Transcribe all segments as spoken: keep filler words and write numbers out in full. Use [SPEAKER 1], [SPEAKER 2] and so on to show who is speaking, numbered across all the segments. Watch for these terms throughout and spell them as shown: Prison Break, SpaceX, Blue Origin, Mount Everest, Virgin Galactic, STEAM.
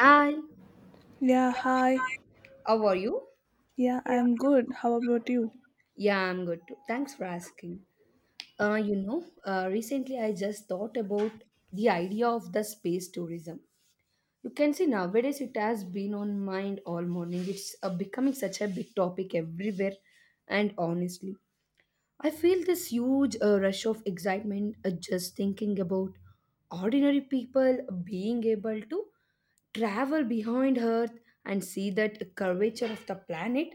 [SPEAKER 1] Hi,
[SPEAKER 2] Yeah, hi.
[SPEAKER 1] how are you?
[SPEAKER 2] Yeah, I'm good. How about you?
[SPEAKER 1] Yeah, I'm good too. Thanks for asking. Uh, you know, uh, recently I just thought about the idea of the space tourism. You can see nowadays it has been on mind all morning. It's uh, becoming such a big topic everywhere, and honestly, I feel this huge uh, rush of excitement uh, just thinking about ordinary people being able to travel behind Earth and see that curvature of the planet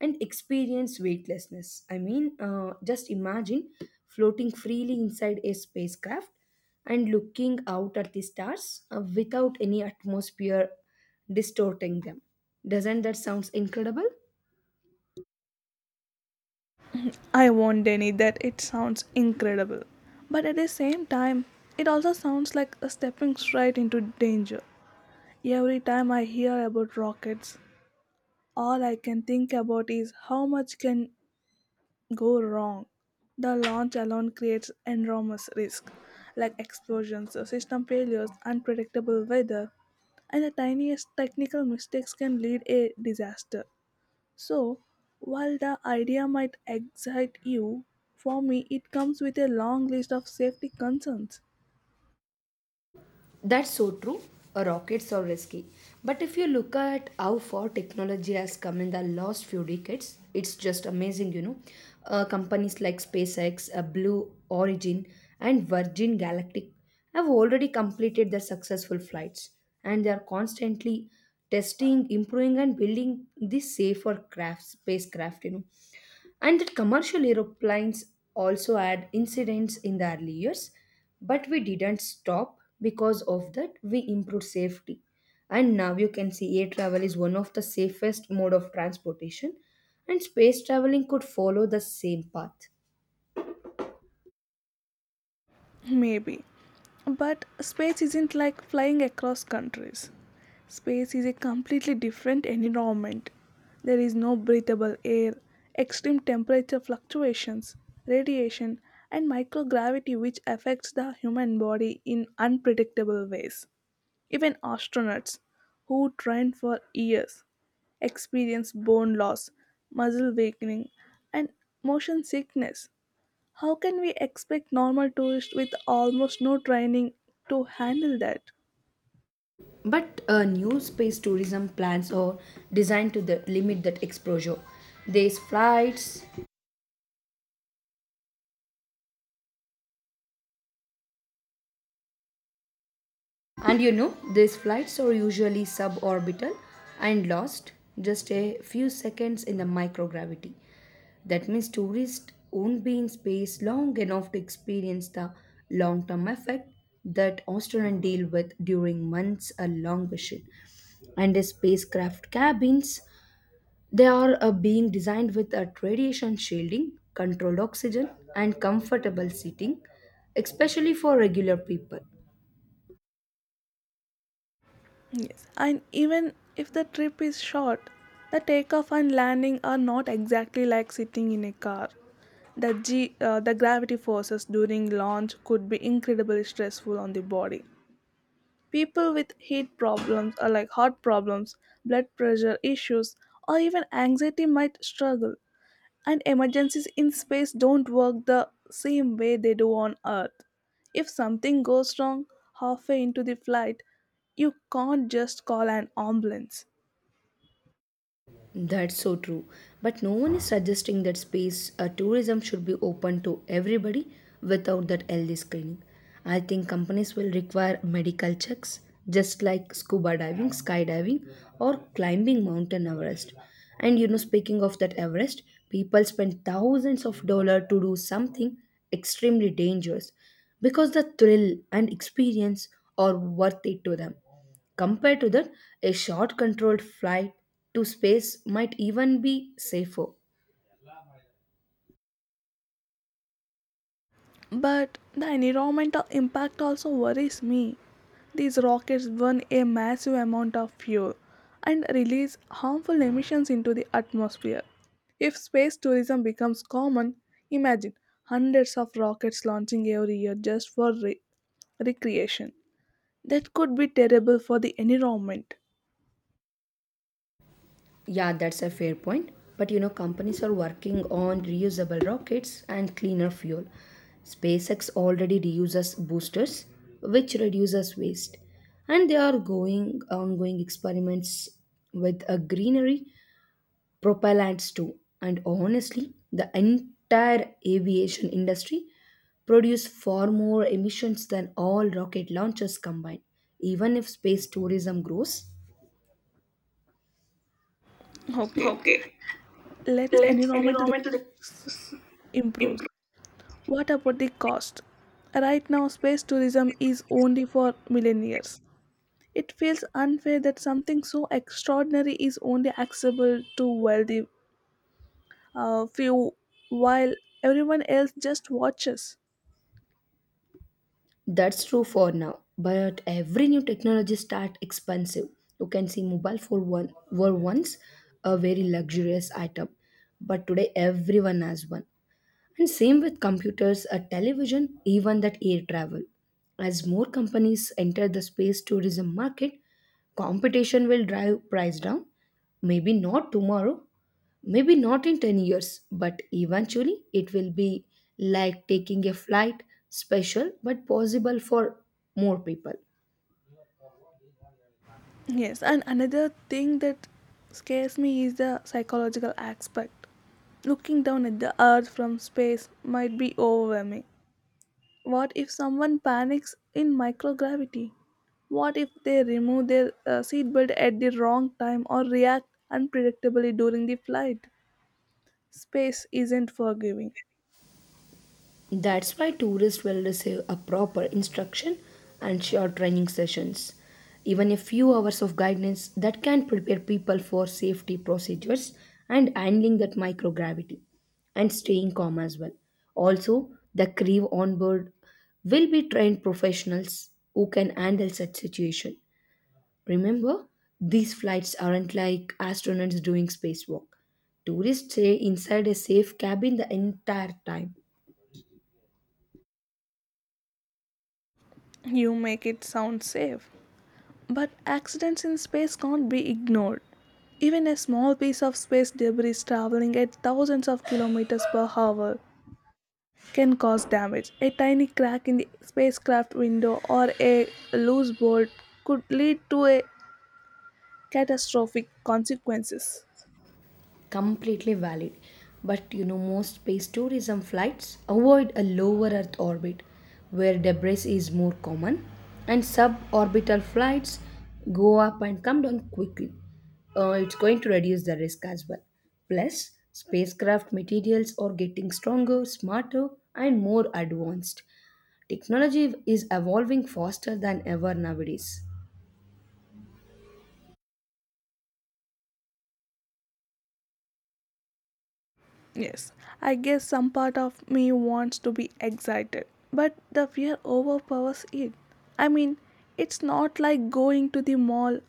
[SPEAKER 1] and experience weightlessness. I mean, uh, just imagine floating freely inside a spacecraft and looking out at the stars uh, without any atmosphere distorting them. Doesn't that sounds incredible?
[SPEAKER 2] I won't deny that it sounds incredible. But at the same time, it also sounds like a stepping straight into danger. Every time I hear about rockets, all I can think about is how much can go wrong. The launch alone creates enormous risk, like explosions, system failures, unpredictable weather, and the tiniest technical mistakes can lead a disaster. So, while the idea might excite you, for me it comes with a long list of safety concerns.
[SPEAKER 1] That's so true. Uh, Rockets are risky. But if you look at how far technology has come in the last few decades, it's just amazing, you know. Uh, companies like SpaceX, uh, Blue Origin, and Virgin Galactic have already completed their successful flights, and they are constantly testing, improving, and building these safer crafts, spacecraft, you know. And that commercial aeroplanes also had incidents in the early years, but we didn't stop because of that we improved safety. And now you can see air travel is one of the safest mode of transportation and space traveling could follow the same path.
[SPEAKER 2] Maybe. But space isn't like flying across countries. Space is a completely different environment. There is no breathable air, extreme temperature fluctuations, radiation, and microgravity, which affects the human body in unpredictable ways. Even astronauts who train for years experience bone loss, muscle weakening, and motion sickness. How can we expect normal tourists with almost no training to handle that?
[SPEAKER 1] But uh, new space tourism plans are designed to the limit that exposure. There's flights, and you know, these flights are usually suborbital and lost just a few seconds in the microgravity. That means tourists won't be in space long enough to experience the long term effect that astronauts deal with during months a long mission. And the spacecraft cabins, they are uh, being designed with a radiation shielding, controlled oxygen, and comfortable seating, especially for regular people.
[SPEAKER 2] Yes. And even if the trip is short, the takeoff and landing are not exactly like sitting in a car. The, G, uh, the gravity forces during launch could be incredibly stressful on the body. People with heat problems or like heart problems, blood pressure issues, or even anxiety might struggle. And emergencies in space don't work the same way they do on Earth. If something goes wrong halfway into the flight, you can't just call an ambulance.
[SPEAKER 1] That's so true. But no one is suggesting that space uh, tourism should be open to everybody without that healthy screening. I think companies will require medical checks, just like scuba diving, skydiving, or climbing Mountain Everest. And you know, speaking of that Everest, people spend thousands of dollars to do something extremely dangerous because the thrill and experience are worth it to them. Compared to that, a short controlled flight to space might even be safer.
[SPEAKER 2] But the environmental impact also worries me. These rockets burn a massive amount of fuel and release harmful emissions into the atmosphere. If space tourism becomes common, imagine hundreds of rockets launching every year just for re- recreation. That could be terrible for the environment.
[SPEAKER 1] Yeah, that's a fair point. But you know, companies are working on reusable rockets and cleaner fuel. SpaceX already reuses boosters, which reduces waste. And they are going ongoing experiments with a greenery propellants too. And honestly, the entire aviation industry produce far more emissions than all rocket launchers combined, even if space tourism grows.
[SPEAKER 2] Okay,
[SPEAKER 1] Okay,
[SPEAKER 2] let's
[SPEAKER 1] let's
[SPEAKER 2] environmental
[SPEAKER 1] environmental
[SPEAKER 2] improves.
[SPEAKER 1] improve.
[SPEAKER 2] What about the cost? Right now, space tourism is only for millionaires. It feels unfair that something so extraordinary is only accessible to wealthy uh, few while everyone else just watches.
[SPEAKER 1] That's true for now, but every new technology start expensive. You can see mobile phone one, were once a very luxurious item, but today everyone has one. And same with computers, a television, even that air travel. As more companies enter the space tourism market, competition will drive price down. Maybe not tomorrow, maybe not in ten years, but eventually it will be like taking a flight special but possible for more people.
[SPEAKER 2] Yes, and another thing that scares me is the psychological aspect. Looking down at the earth from space might be overwhelming. What if someone panics in microgravity? What if they remove their uh, seatbelt at the wrong time or react unpredictably during the flight? Space isn't forgiving.
[SPEAKER 1] That's why tourists will receive a proper instruction and short training sessions. Even a few hours of guidance that can prepare people for safety procedures and handling that microgravity and staying calm as well. Also, the crew on board will be trained professionals who can handle such situation. Remember, these flights aren't like astronauts doing spacewalk. Tourists stay inside a safe cabin the entire time.
[SPEAKER 2] You make it sound safe. But accidents in space can't be ignored. Even a small piece of space debris traveling at thousands of kilometers per hour can cause damage. A tiny crack in the spacecraft window or a loose bolt could lead to a catastrophic consequences.
[SPEAKER 1] Completely valid, but you know most space tourism flights avoid a lower earth orbit where debris is more common, and suborbital flights go up and come down quickly. Uh, it's going to reduce the risk as well, plus spacecraft materials are getting stronger smarter and more advanced technology is evolving faster than ever nowadays.
[SPEAKER 2] Yes, I guess some part of me wants to be excited, but the fear overpowers it. I mean, it's not like going to the mall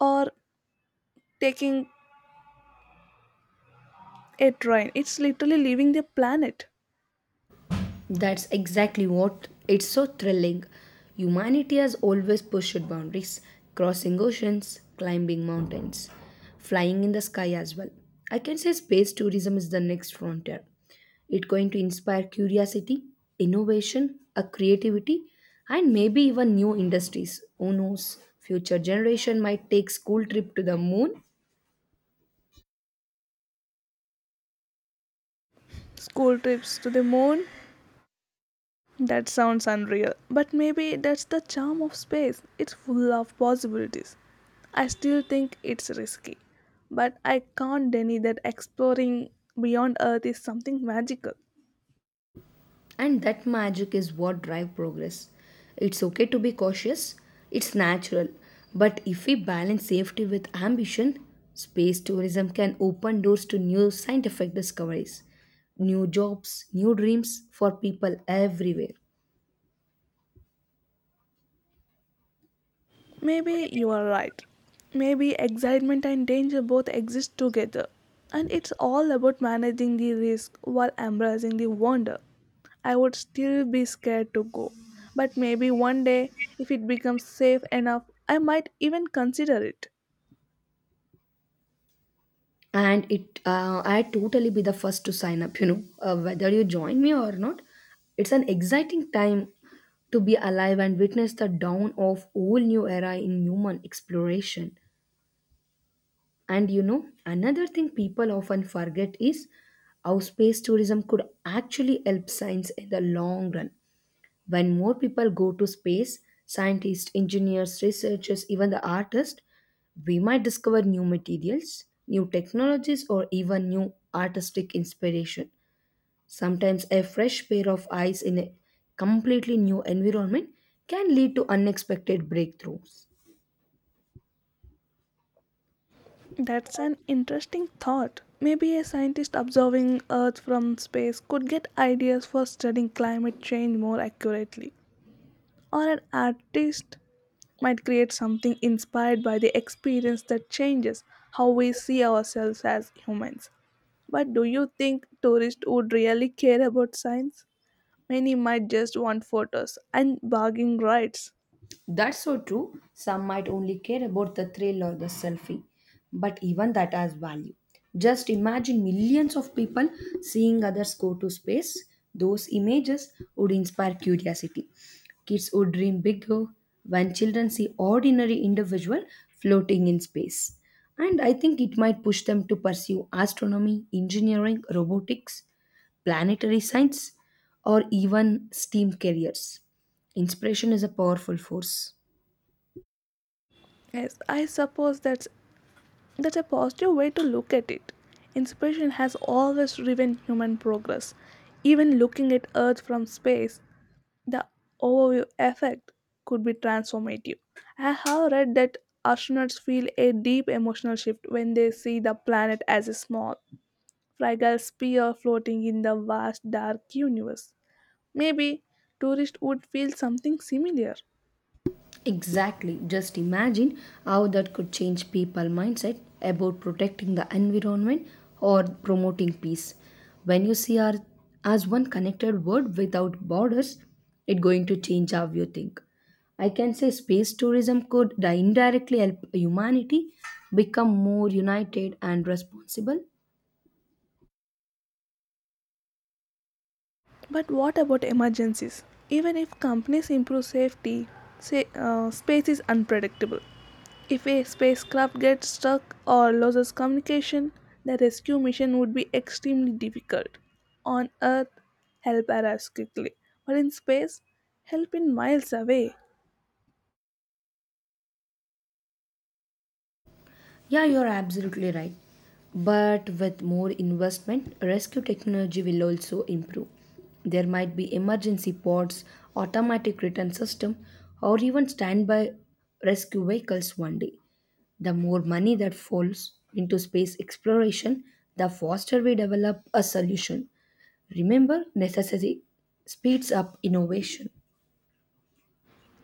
[SPEAKER 2] or taking a train. It's literally leaving the planet.
[SPEAKER 1] That's exactly what it's so thrilling. Humanity has always pushed boundaries, crossing oceans, climbing mountains, flying in the sky as well. I can say space tourism is the next frontier. It's going to inspire curiosity, innovation, a creativity, and maybe even new industries. Who knows? Future generation might take school trip to the moon.
[SPEAKER 2] School trips to the moon? That sounds unreal. But maybe that's the charm of space. It's full of possibilities. I still think it's risky. But I can't deny that exploring beyond Earth is something magical.
[SPEAKER 1] And that magic is what drive progress. It's okay to be cautious, it's natural. But if we balance safety with ambition, space tourism can open doors to new scientific discoveries, new jobs, new dreams for people everywhere.
[SPEAKER 2] Maybe you are right. Maybe excitement and danger both exist together. And it's all about managing the risk while embracing the wonder. I would still be scared to go. But maybe one day, if it becomes safe enough, I might even consider it.
[SPEAKER 1] And it, uh, I totally be the first to sign up. You know, uh, whether you join me or not, it's an exciting time to be alive and witness the dawn of whole new era in human exploration. And you know, another thing people often forget is how space tourism could actually help science in the long run. When more people go to space, scientists, engineers, researchers, even the artists, we might discover new materials, new technologies, or even new artistic inspiration. Sometimes a fresh pair of eyes in a completely new environment can lead to unexpected breakthroughs.
[SPEAKER 2] That's an interesting thought. Maybe a scientist observing Earth from space could get ideas for studying climate change more accurately. Or an artist might create something inspired by the experience that changes how we see ourselves as humans. But do you think tourists would really care about science? Many might just want photos and bargaining rights.
[SPEAKER 1] That's so true. Some might only care about the thrill or the selfie, but even that has value. Just imagine millions of people seeing others go to space. Those images would inspire curiosity. Kids would dream bigger when children see ordinary individual floating in space. And I think it might push them to pursue astronomy, engineering, robotics, planetary science, or even S T E A M careers. Inspiration is a powerful force.
[SPEAKER 2] Yes, I suppose that's that's a positive way to look at it. Inspiration has always driven human progress. Even looking at Earth from space, the overview effect could be transformative. I have read that astronauts feel a deep emotional shift when they see the planet as a small, fragile sphere floating in the vast dark universe. Maybe tourists would feel something similar.
[SPEAKER 1] Exactly. Just imagine how that could change people mindset about protecting the environment or promoting peace. When you see our as one connected world without borders, it's going to change how you think. I can say space tourism could indirectly help humanity become more united and responsible.
[SPEAKER 2] But what about emergencies? Even if companies improve safety, say, uh, space is unpredictable. If a spacecraft gets stuck or loses communication, the rescue mission would be extremely difficult. On Earth, help arrives quickly, but in space, help is miles away.
[SPEAKER 1] Yeah, you're absolutely right. But with more investment, rescue technology will also improve. There might be emergency pods, automatic return system, or even standby rescue vehicles one day. The more money that falls into space exploration, the faster we develop a solution. Remember, necessity speeds up innovation.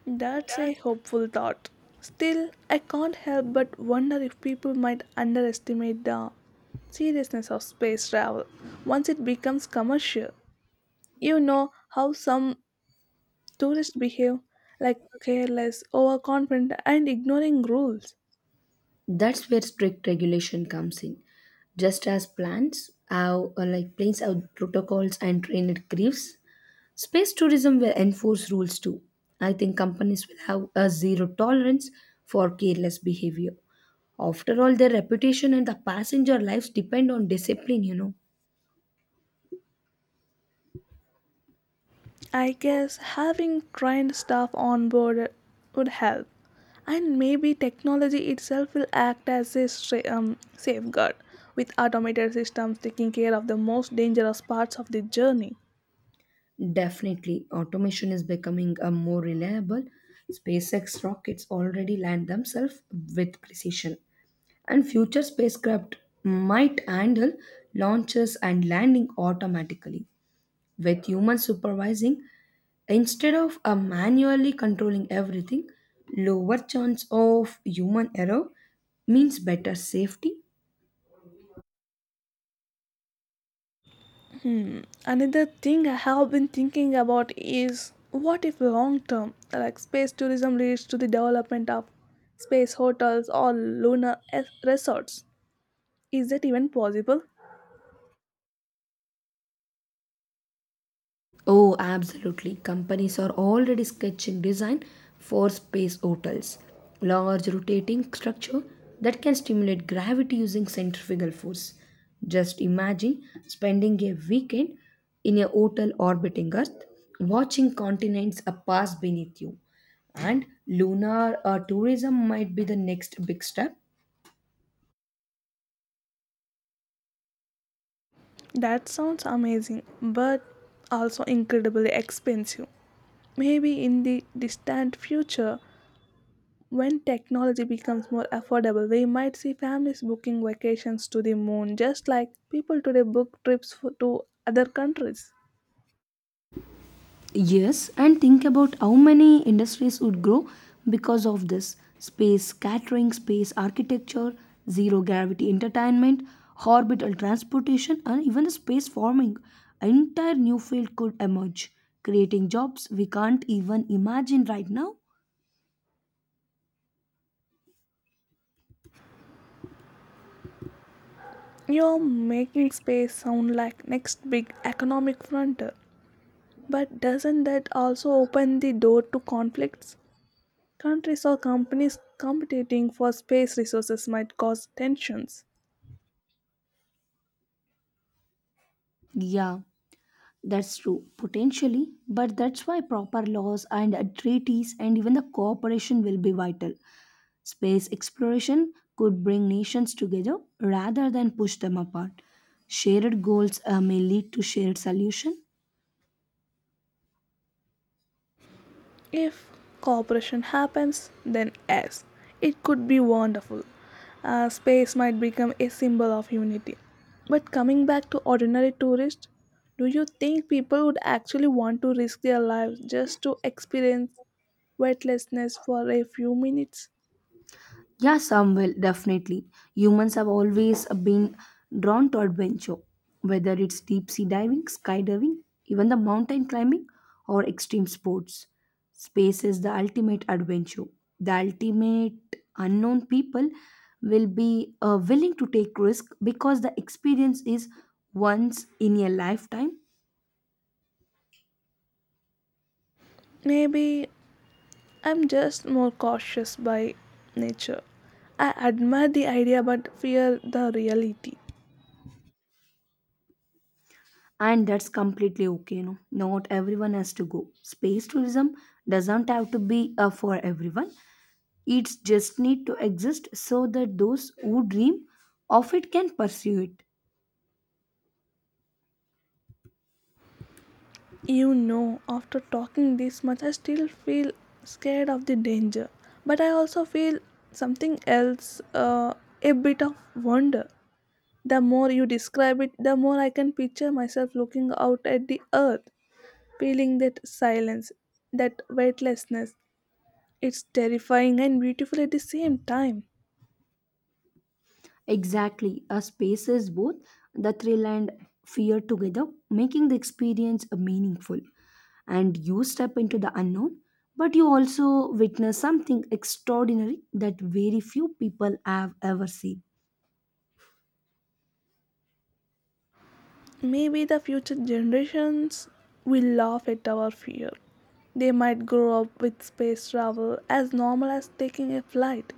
[SPEAKER 2] That's a hopeful thought. Still, I can't help but wonder if people might underestimate the seriousness of space travel once it becomes commercial. You know how some tourists behave, like careless, overconfident, and ignoring rules.
[SPEAKER 1] That's where strict regulation comes in. Just as plants have uh, like planes have protocols and trained griefs, space tourism will enforce rules too. I think companies will have a zero tolerance for careless behavior. After all, their reputation and the passenger lives depend on discipline, you know.
[SPEAKER 2] I guess having trained staff on board would help, and maybe technology itself will act as a sa- um, safeguard, with automated systems taking care of the most dangerous parts of the journey.
[SPEAKER 1] Definitely, automation is becoming a more reliable. SpaceX rockets already land themselves with precision, and future spacecraft might handle launches and landing automatically with humans supervising instead of uh, manually controlling everything. Lower chance of human error means better safety.
[SPEAKER 2] Hmm. Another thing I have been thinking about is what if long term, like space tourism, leads to the development of space hotels or lunar es- resorts? Is that even possible?
[SPEAKER 1] Oh, absolutely. Companies are already sketching design for space hotels. Large rotating structure that can stimulate gravity using centrifugal force. Just imagine spending a weekend in a hotel orbiting Earth, watching continents uh, pass beneath you. And lunar uh, tourism might be the next big step.
[SPEAKER 2] That sounds amazing, but also incredibly expensive. Maybe in the distant future, when technology becomes more affordable, we might see families booking vacations to the moon, just like people today book trips for, to other countries.
[SPEAKER 1] Yes, and think about how many industries would grow because of this space catering, space architecture, zero gravity entertainment, orbital transportation, and even the space farming. An entire new field could emerge, creating jobs we can't even imagine right now.
[SPEAKER 2] You're making space sound like next big economic frontier, but doesn't that also open the door to conflicts? Countries or companies competing for space resources might cause tensions.
[SPEAKER 1] Yeah, that's true, potentially, but that's why proper laws and uh, treaties and even the cooperation will be vital. Space exploration could bring nations together rather than push them apart. Shared goals uh, may lead to shared solutions.
[SPEAKER 2] If cooperation happens, then yes, it could be wonderful. Uh, space might become a symbol of unity. But coming back to ordinary tourists, do you think people would actually want to risk their lives just to experience weightlessness for a few minutes?
[SPEAKER 1] Yeah, some will, definitely. Humans have always been drawn to adventure, whether it's deep sea diving, skydiving, even the mountain climbing, or extreme sports. Space is the ultimate adventure. The ultimate unknown people will be uh, willing to take risk because the experience is once in a lifetime.
[SPEAKER 2] Maybe I'm just more cautious by nature. I admire the idea but fear the reality.
[SPEAKER 1] And that's completely okay. No, not everyone has to go space tourism doesn't have to be uh, for everyone. It's just need to exist so that those who dream of it can pursue it.
[SPEAKER 2] You know, after talking this much, I still feel scared of the danger. But I also feel something else, uh, a bit of wonder. The more you describe it, the more I can picture myself looking out at the earth, feeling that silence, that weightlessness. It's terrifying and beautiful at the same time.
[SPEAKER 1] Exactly. A space is both the thrill and fear together, making the experience meaningful. And you step into the unknown, but you also witness something extraordinary that very few people have ever seen.
[SPEAKER 2] Maybe the future generations will laugh at our fear. They might grow up with space travel as normal as taking a flight.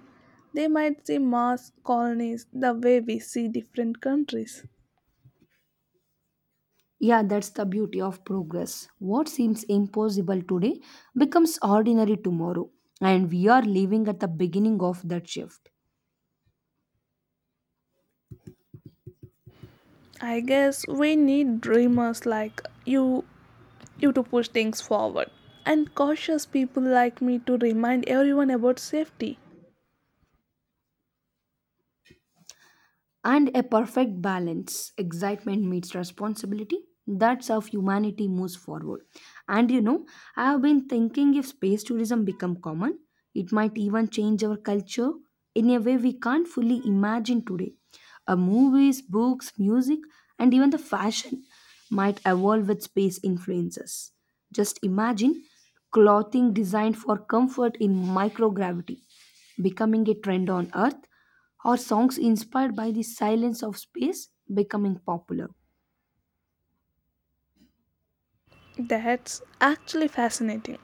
[SPEAKER 2] They might see Mars colonies the way we see different countries.
[SPEAKER 1] Yeah, that's the beauty of progress. What seems impossible today becomes ordinary tomorrow. And we are living at the beginning of that shift.
[SPEAKER 2] I guess we need dreamers like you you to push things forward and cautious people like me to remind everyone about safety.
[SPEAKER 1] And a perfect balance excitement meets responsibility, that's how humanity moves forward. And you know, I have been thinking if space tourism become common, it might even change our culture in a way we can't fully imagine today. Uh, movies books music and even the fashion might evolve with space influences. Just imagine clothing designed for comfort in microgravity becoming a trend on earth, or songs inspired by the silence of space becoming popular.
[SPEAKER 2] That's actually fascinating.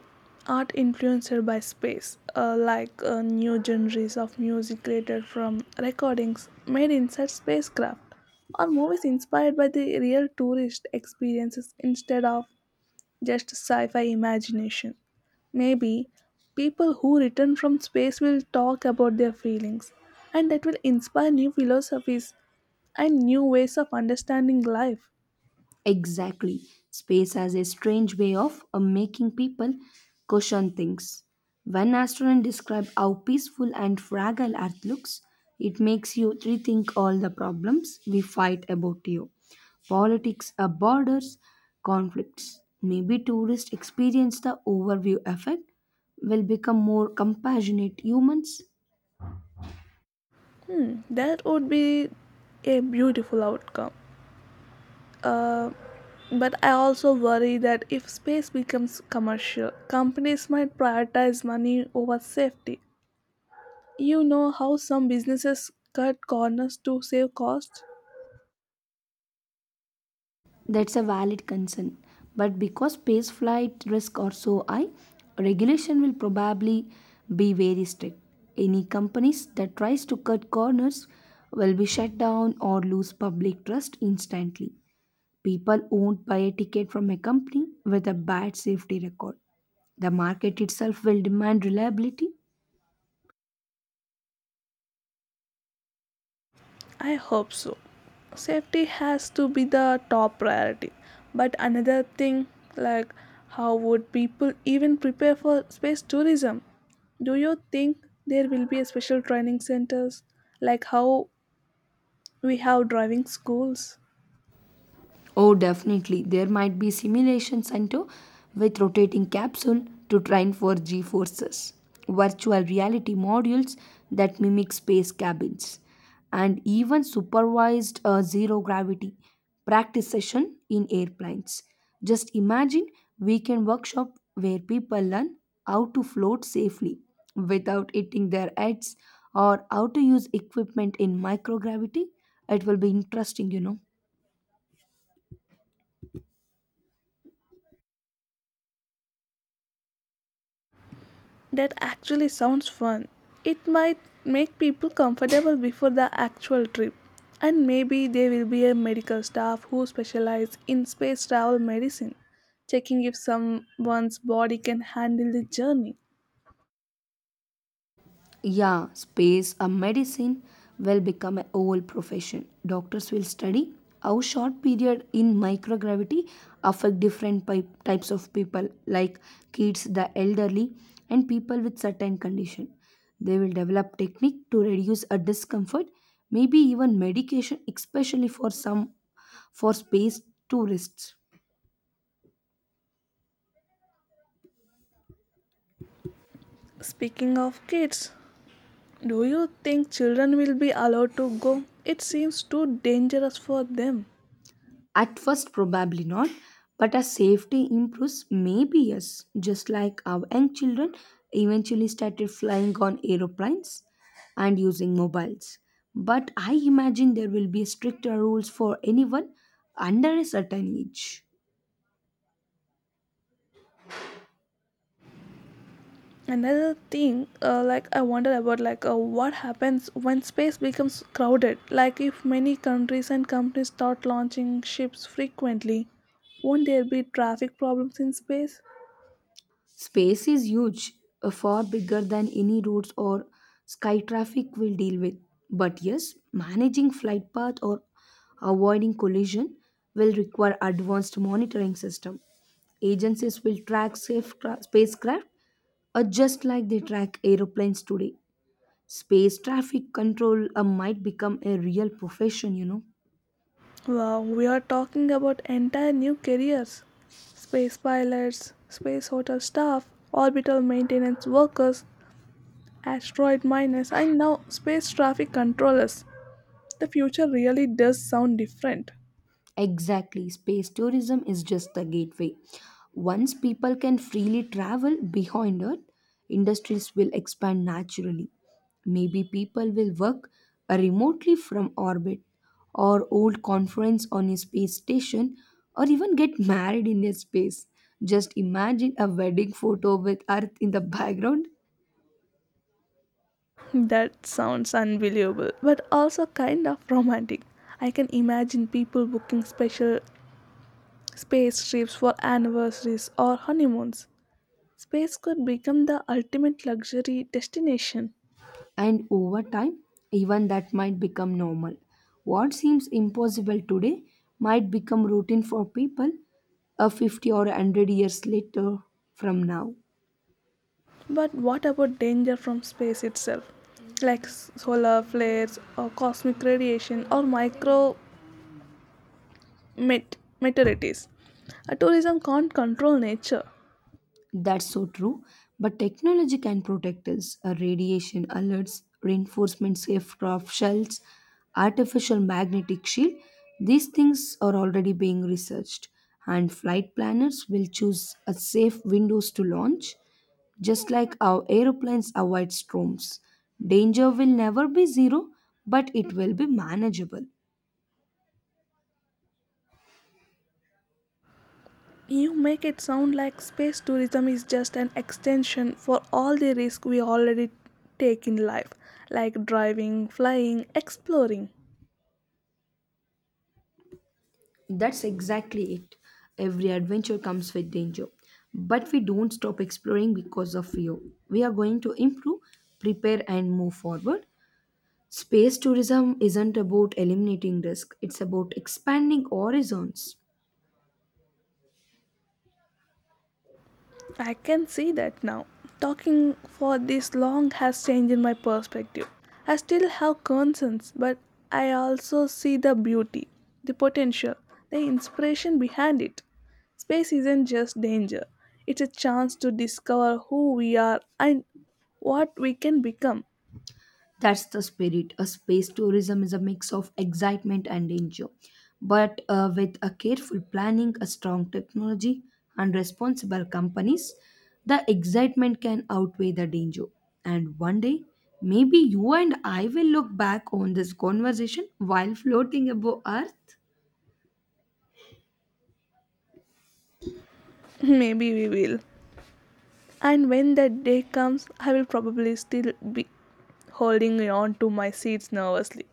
[SPEAKER 2] Art influenced by space, uh, like uh, new genres of music created from recordings made inside spacecraft, or movies inspired by the real tourist experiences instead of just sci fi imagination. Maybe people who return from space will talk about their feelings, and that will inspire new philosophies and new ways of understanding life.
[SPEAKER 1] Exactly. Space has a strange way of uh, making people question things. When astronauts describe how peaceful and fragile Earth looks, it makes you rethink all the problems we fight about here. Politics, uh, borders, conflicts. Maybe tourists experience the overview effect, will become more compassionate humans.
[SPEAKER 2] Hmm, that would be a beautiful outcome. Uh, but I also worry that if space becomes commercial, companies might prioritize money over safety. You know how some businesses cut corners to save costs?
[SPEAKER 1] That's a valid concern. But because space flight risks are so high, regulation will probably be very strict. Any companies that tries to cut corners will be shut down or lose public trust instantly. People won't buy a ticket from a company with a bad safety record. The market itself will demand reliability.
[SPEAKER 2] I hope so. Safety has to be the top priority. But another thing, like how would people even prepare for space tourism? Do you think there will be a special training centers like how we have driving schools.
[SPEAKER 1] Oh, definitely. There might be simulation center with rotating capsule to train for G forces, virtual reality modules that mimic space cabins, and even supervised uh, zero gravity practice session in airplanes. Just imagine weekend workshop where people learn how to float safely without hitting their heads or how to use equipment in microgravity. It will be interesting, you know.
[SPEAKER 2] That actually sounds fun. It might make people comfortable before the actual trip. And maybe there will be a medical staff who specialize in space travel medicine, checking if someone's body can handle the journey.
[SPEAKER 1] Yeah, space a medicine will become an old profession. Doctors will study how short period in microgravity affect different pi- types of people like kids, the elderly and people with certain condition. They will develop technique to reduce a discomfort, maybe even medication especially for some for space tourists.
[SPEAKER 2] Speaking of kids, do you think children will be allowed to go? It seems too dangerous for them.
[SPEAKER 1] At first, probably not, but as safety improves, maybe yes. Just like our young children eventually started flying on aeroplanes and using mobiles. But I imagine there will be stricter rules for anyone under a certain age.
[SPEAKER 2] Another thing, uh, like I wonder about, like, uh, what happens when space becomes crowded, like if many countries and companies start launching ships frequently? Won't there be traffic problems in space?
[SPEAKER 1] Space is huge, uh, far bigger than any roads or sky traffic will deal with. But yes, managing flight path or avoiding collision will require advanced monitoring system. Agencies will track safe cra- spacecraft uh, just like they track aeroplanes today. Space traffic control uh, might become a real profession, you know.
[SPEAKER 2] Wow, we are talking about entire new careers: space pilots, space hotel staff, orbital maintenance workers, asteroid miners, and now space traffic controllers. The future really does sound different.
[SPEAKER 1] Exactly, space tourism is just the gateway. Once people can freely travel behind Earth, industries will expand naturally. Maybe people will work uh, remotely from orbit, or hold conference on a space station, or even get married in a space. Just imagine a wedding photo with Earth in the background.
[SPEAKER 2] That sounds unbelievable, but also kind of romantic. I can imagine people booking special space trips for anniversaries or honeymoons. Space could become the ultimate luxury destination.
[SPEAKER 1] And over time, even that might become normal. What seems impossible today might become routine for people a fifty or a hundred years later from now.
[SPEAKER 2] But what about danger from space itself? Like s- solar flares or cosmic radiation or micro met- meteorites. A tourism can't control nature.
[SPEAKER 1] That's so true. But technology can protect us. Uh, radiation alerts, reinforcement aircraft shells, artificial magnetic shield. These things are already being researched, and flight planners will choose a safe windows to launch, just like our aeroplanes avoid storms. Danger will never be zero, but it will be manageable.
[SPEAKER 2] You make it sound like space tourism is just an extension for all the risk we already take in life, like driving, flying, exploring.
[SPEAKER 1] That's exactly it. Every adventure comes with danger. But we don't stop exploring because of fear. We are going to improve, prepare, and move forward. Space tourism isn't about eliminating risk, it's about expanding horizons.
[SPEAKER 2] I can see that now. Talking for this long has changed my perspective. I still have concerns, but I also see the beauty, the potential, the inspiration behind it. Space isn't just danger, it's a chance to discover who we are and what we can become.
[SPEAKER 1] That's the spirit. A space tourism is a mix of excitement and danger. But uh, with a careful planning, a strong technology, and responsible companies, the excitement can outweigh the danger. And one day, maybe you and I will look back on this conversation while floating above Earth.
[SPEAKER 2] Maybe we will. And when that day comes, I will probably still be holding on to my seats nervously.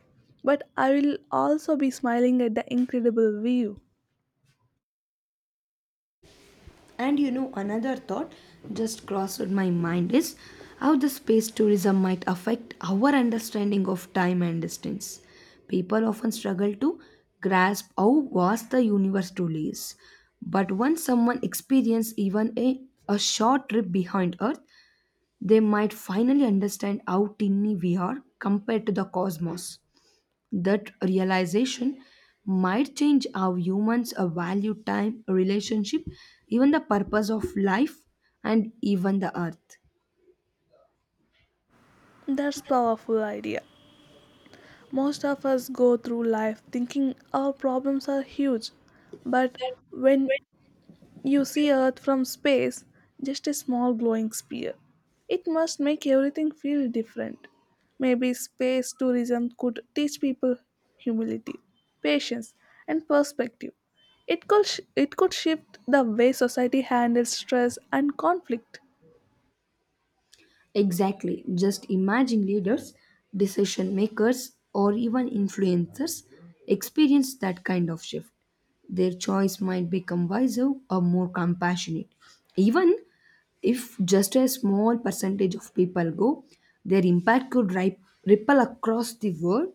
[SPEAKER 2] But I will also be smiling at the incredible view.
[SPEAKER 1] And you know, another thought just crossed my mind is how the space tourism might affect our understanding of time and distance. People often struggle to grasp how vast the universe truly is. But once someone experiences even a, a short trip behind Earth, they might finally understand how tiny we are compared to the cosmos. That realization might change how humans uh, value time, relationship, even the purpose of life, and even the earth.
[SPEAKER 2] That's powerful idea. Most of us go through life thinking our problems are huge. But when you see Earth from space, just a small glowing sphere, it must make everything feel different. Maybe space tourism could teach people humility, patience, and perspective. It could, sh- it could shift the way society handles stress and conflict.
[SPEAKER 1] Exactly. Just imagine leaders, decision makers, or even influencers experience that kind of shift. Their choice might become wiser or more compassionate. Even if just a small percentage of people go, their impact could ri- ripple across the world.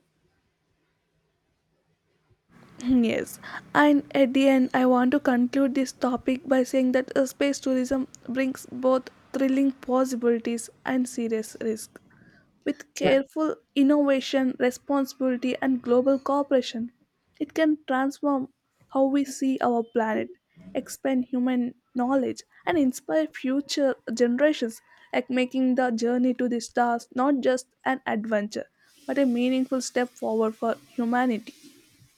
[SPEAKER 2] Yes, and at the end, I want to conclude this topic by saying that uh, space tourism brings both thrilling possibilities and serious risks. With
[SPEAKER 1] Yeah.
[SPEAKER 2] careful innovation, responsibility, and global cooperation, it can transform how we see our planet, expand human knowledge, and inspire future generations, like making the journey to the stars not just an adventure, but a meaningful step forward for humanity.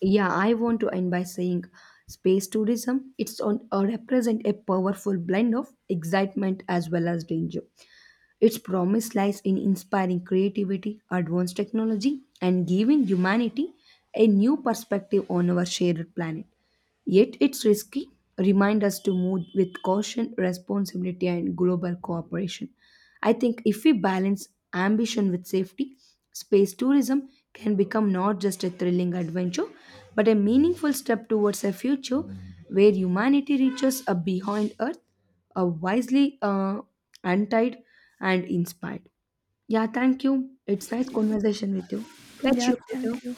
[SPEAKER 1] Yeah, I want to end by saying space tourism it's on uh, represent a powerful blend of excitement as well as danger. Its promise lies in inspiring creativity, advanced technology and giving humanity a new perspective on our shared planet. Yet it's risky. Remind us to move with caution, responsibility, and global cooperation. I think if we balance ambition with safety, space tourism can become not just a thrilling adventure, but a meaningful step towards a future where humanity reaches a behind Earth, a wisely uh, untied and inspired. Yeah, thank you. It's nice conversation with you. Catch
[SPEAKER 2] Yeah,
[SPEAKER 1] you later.
[SPEAKER 2] thank you.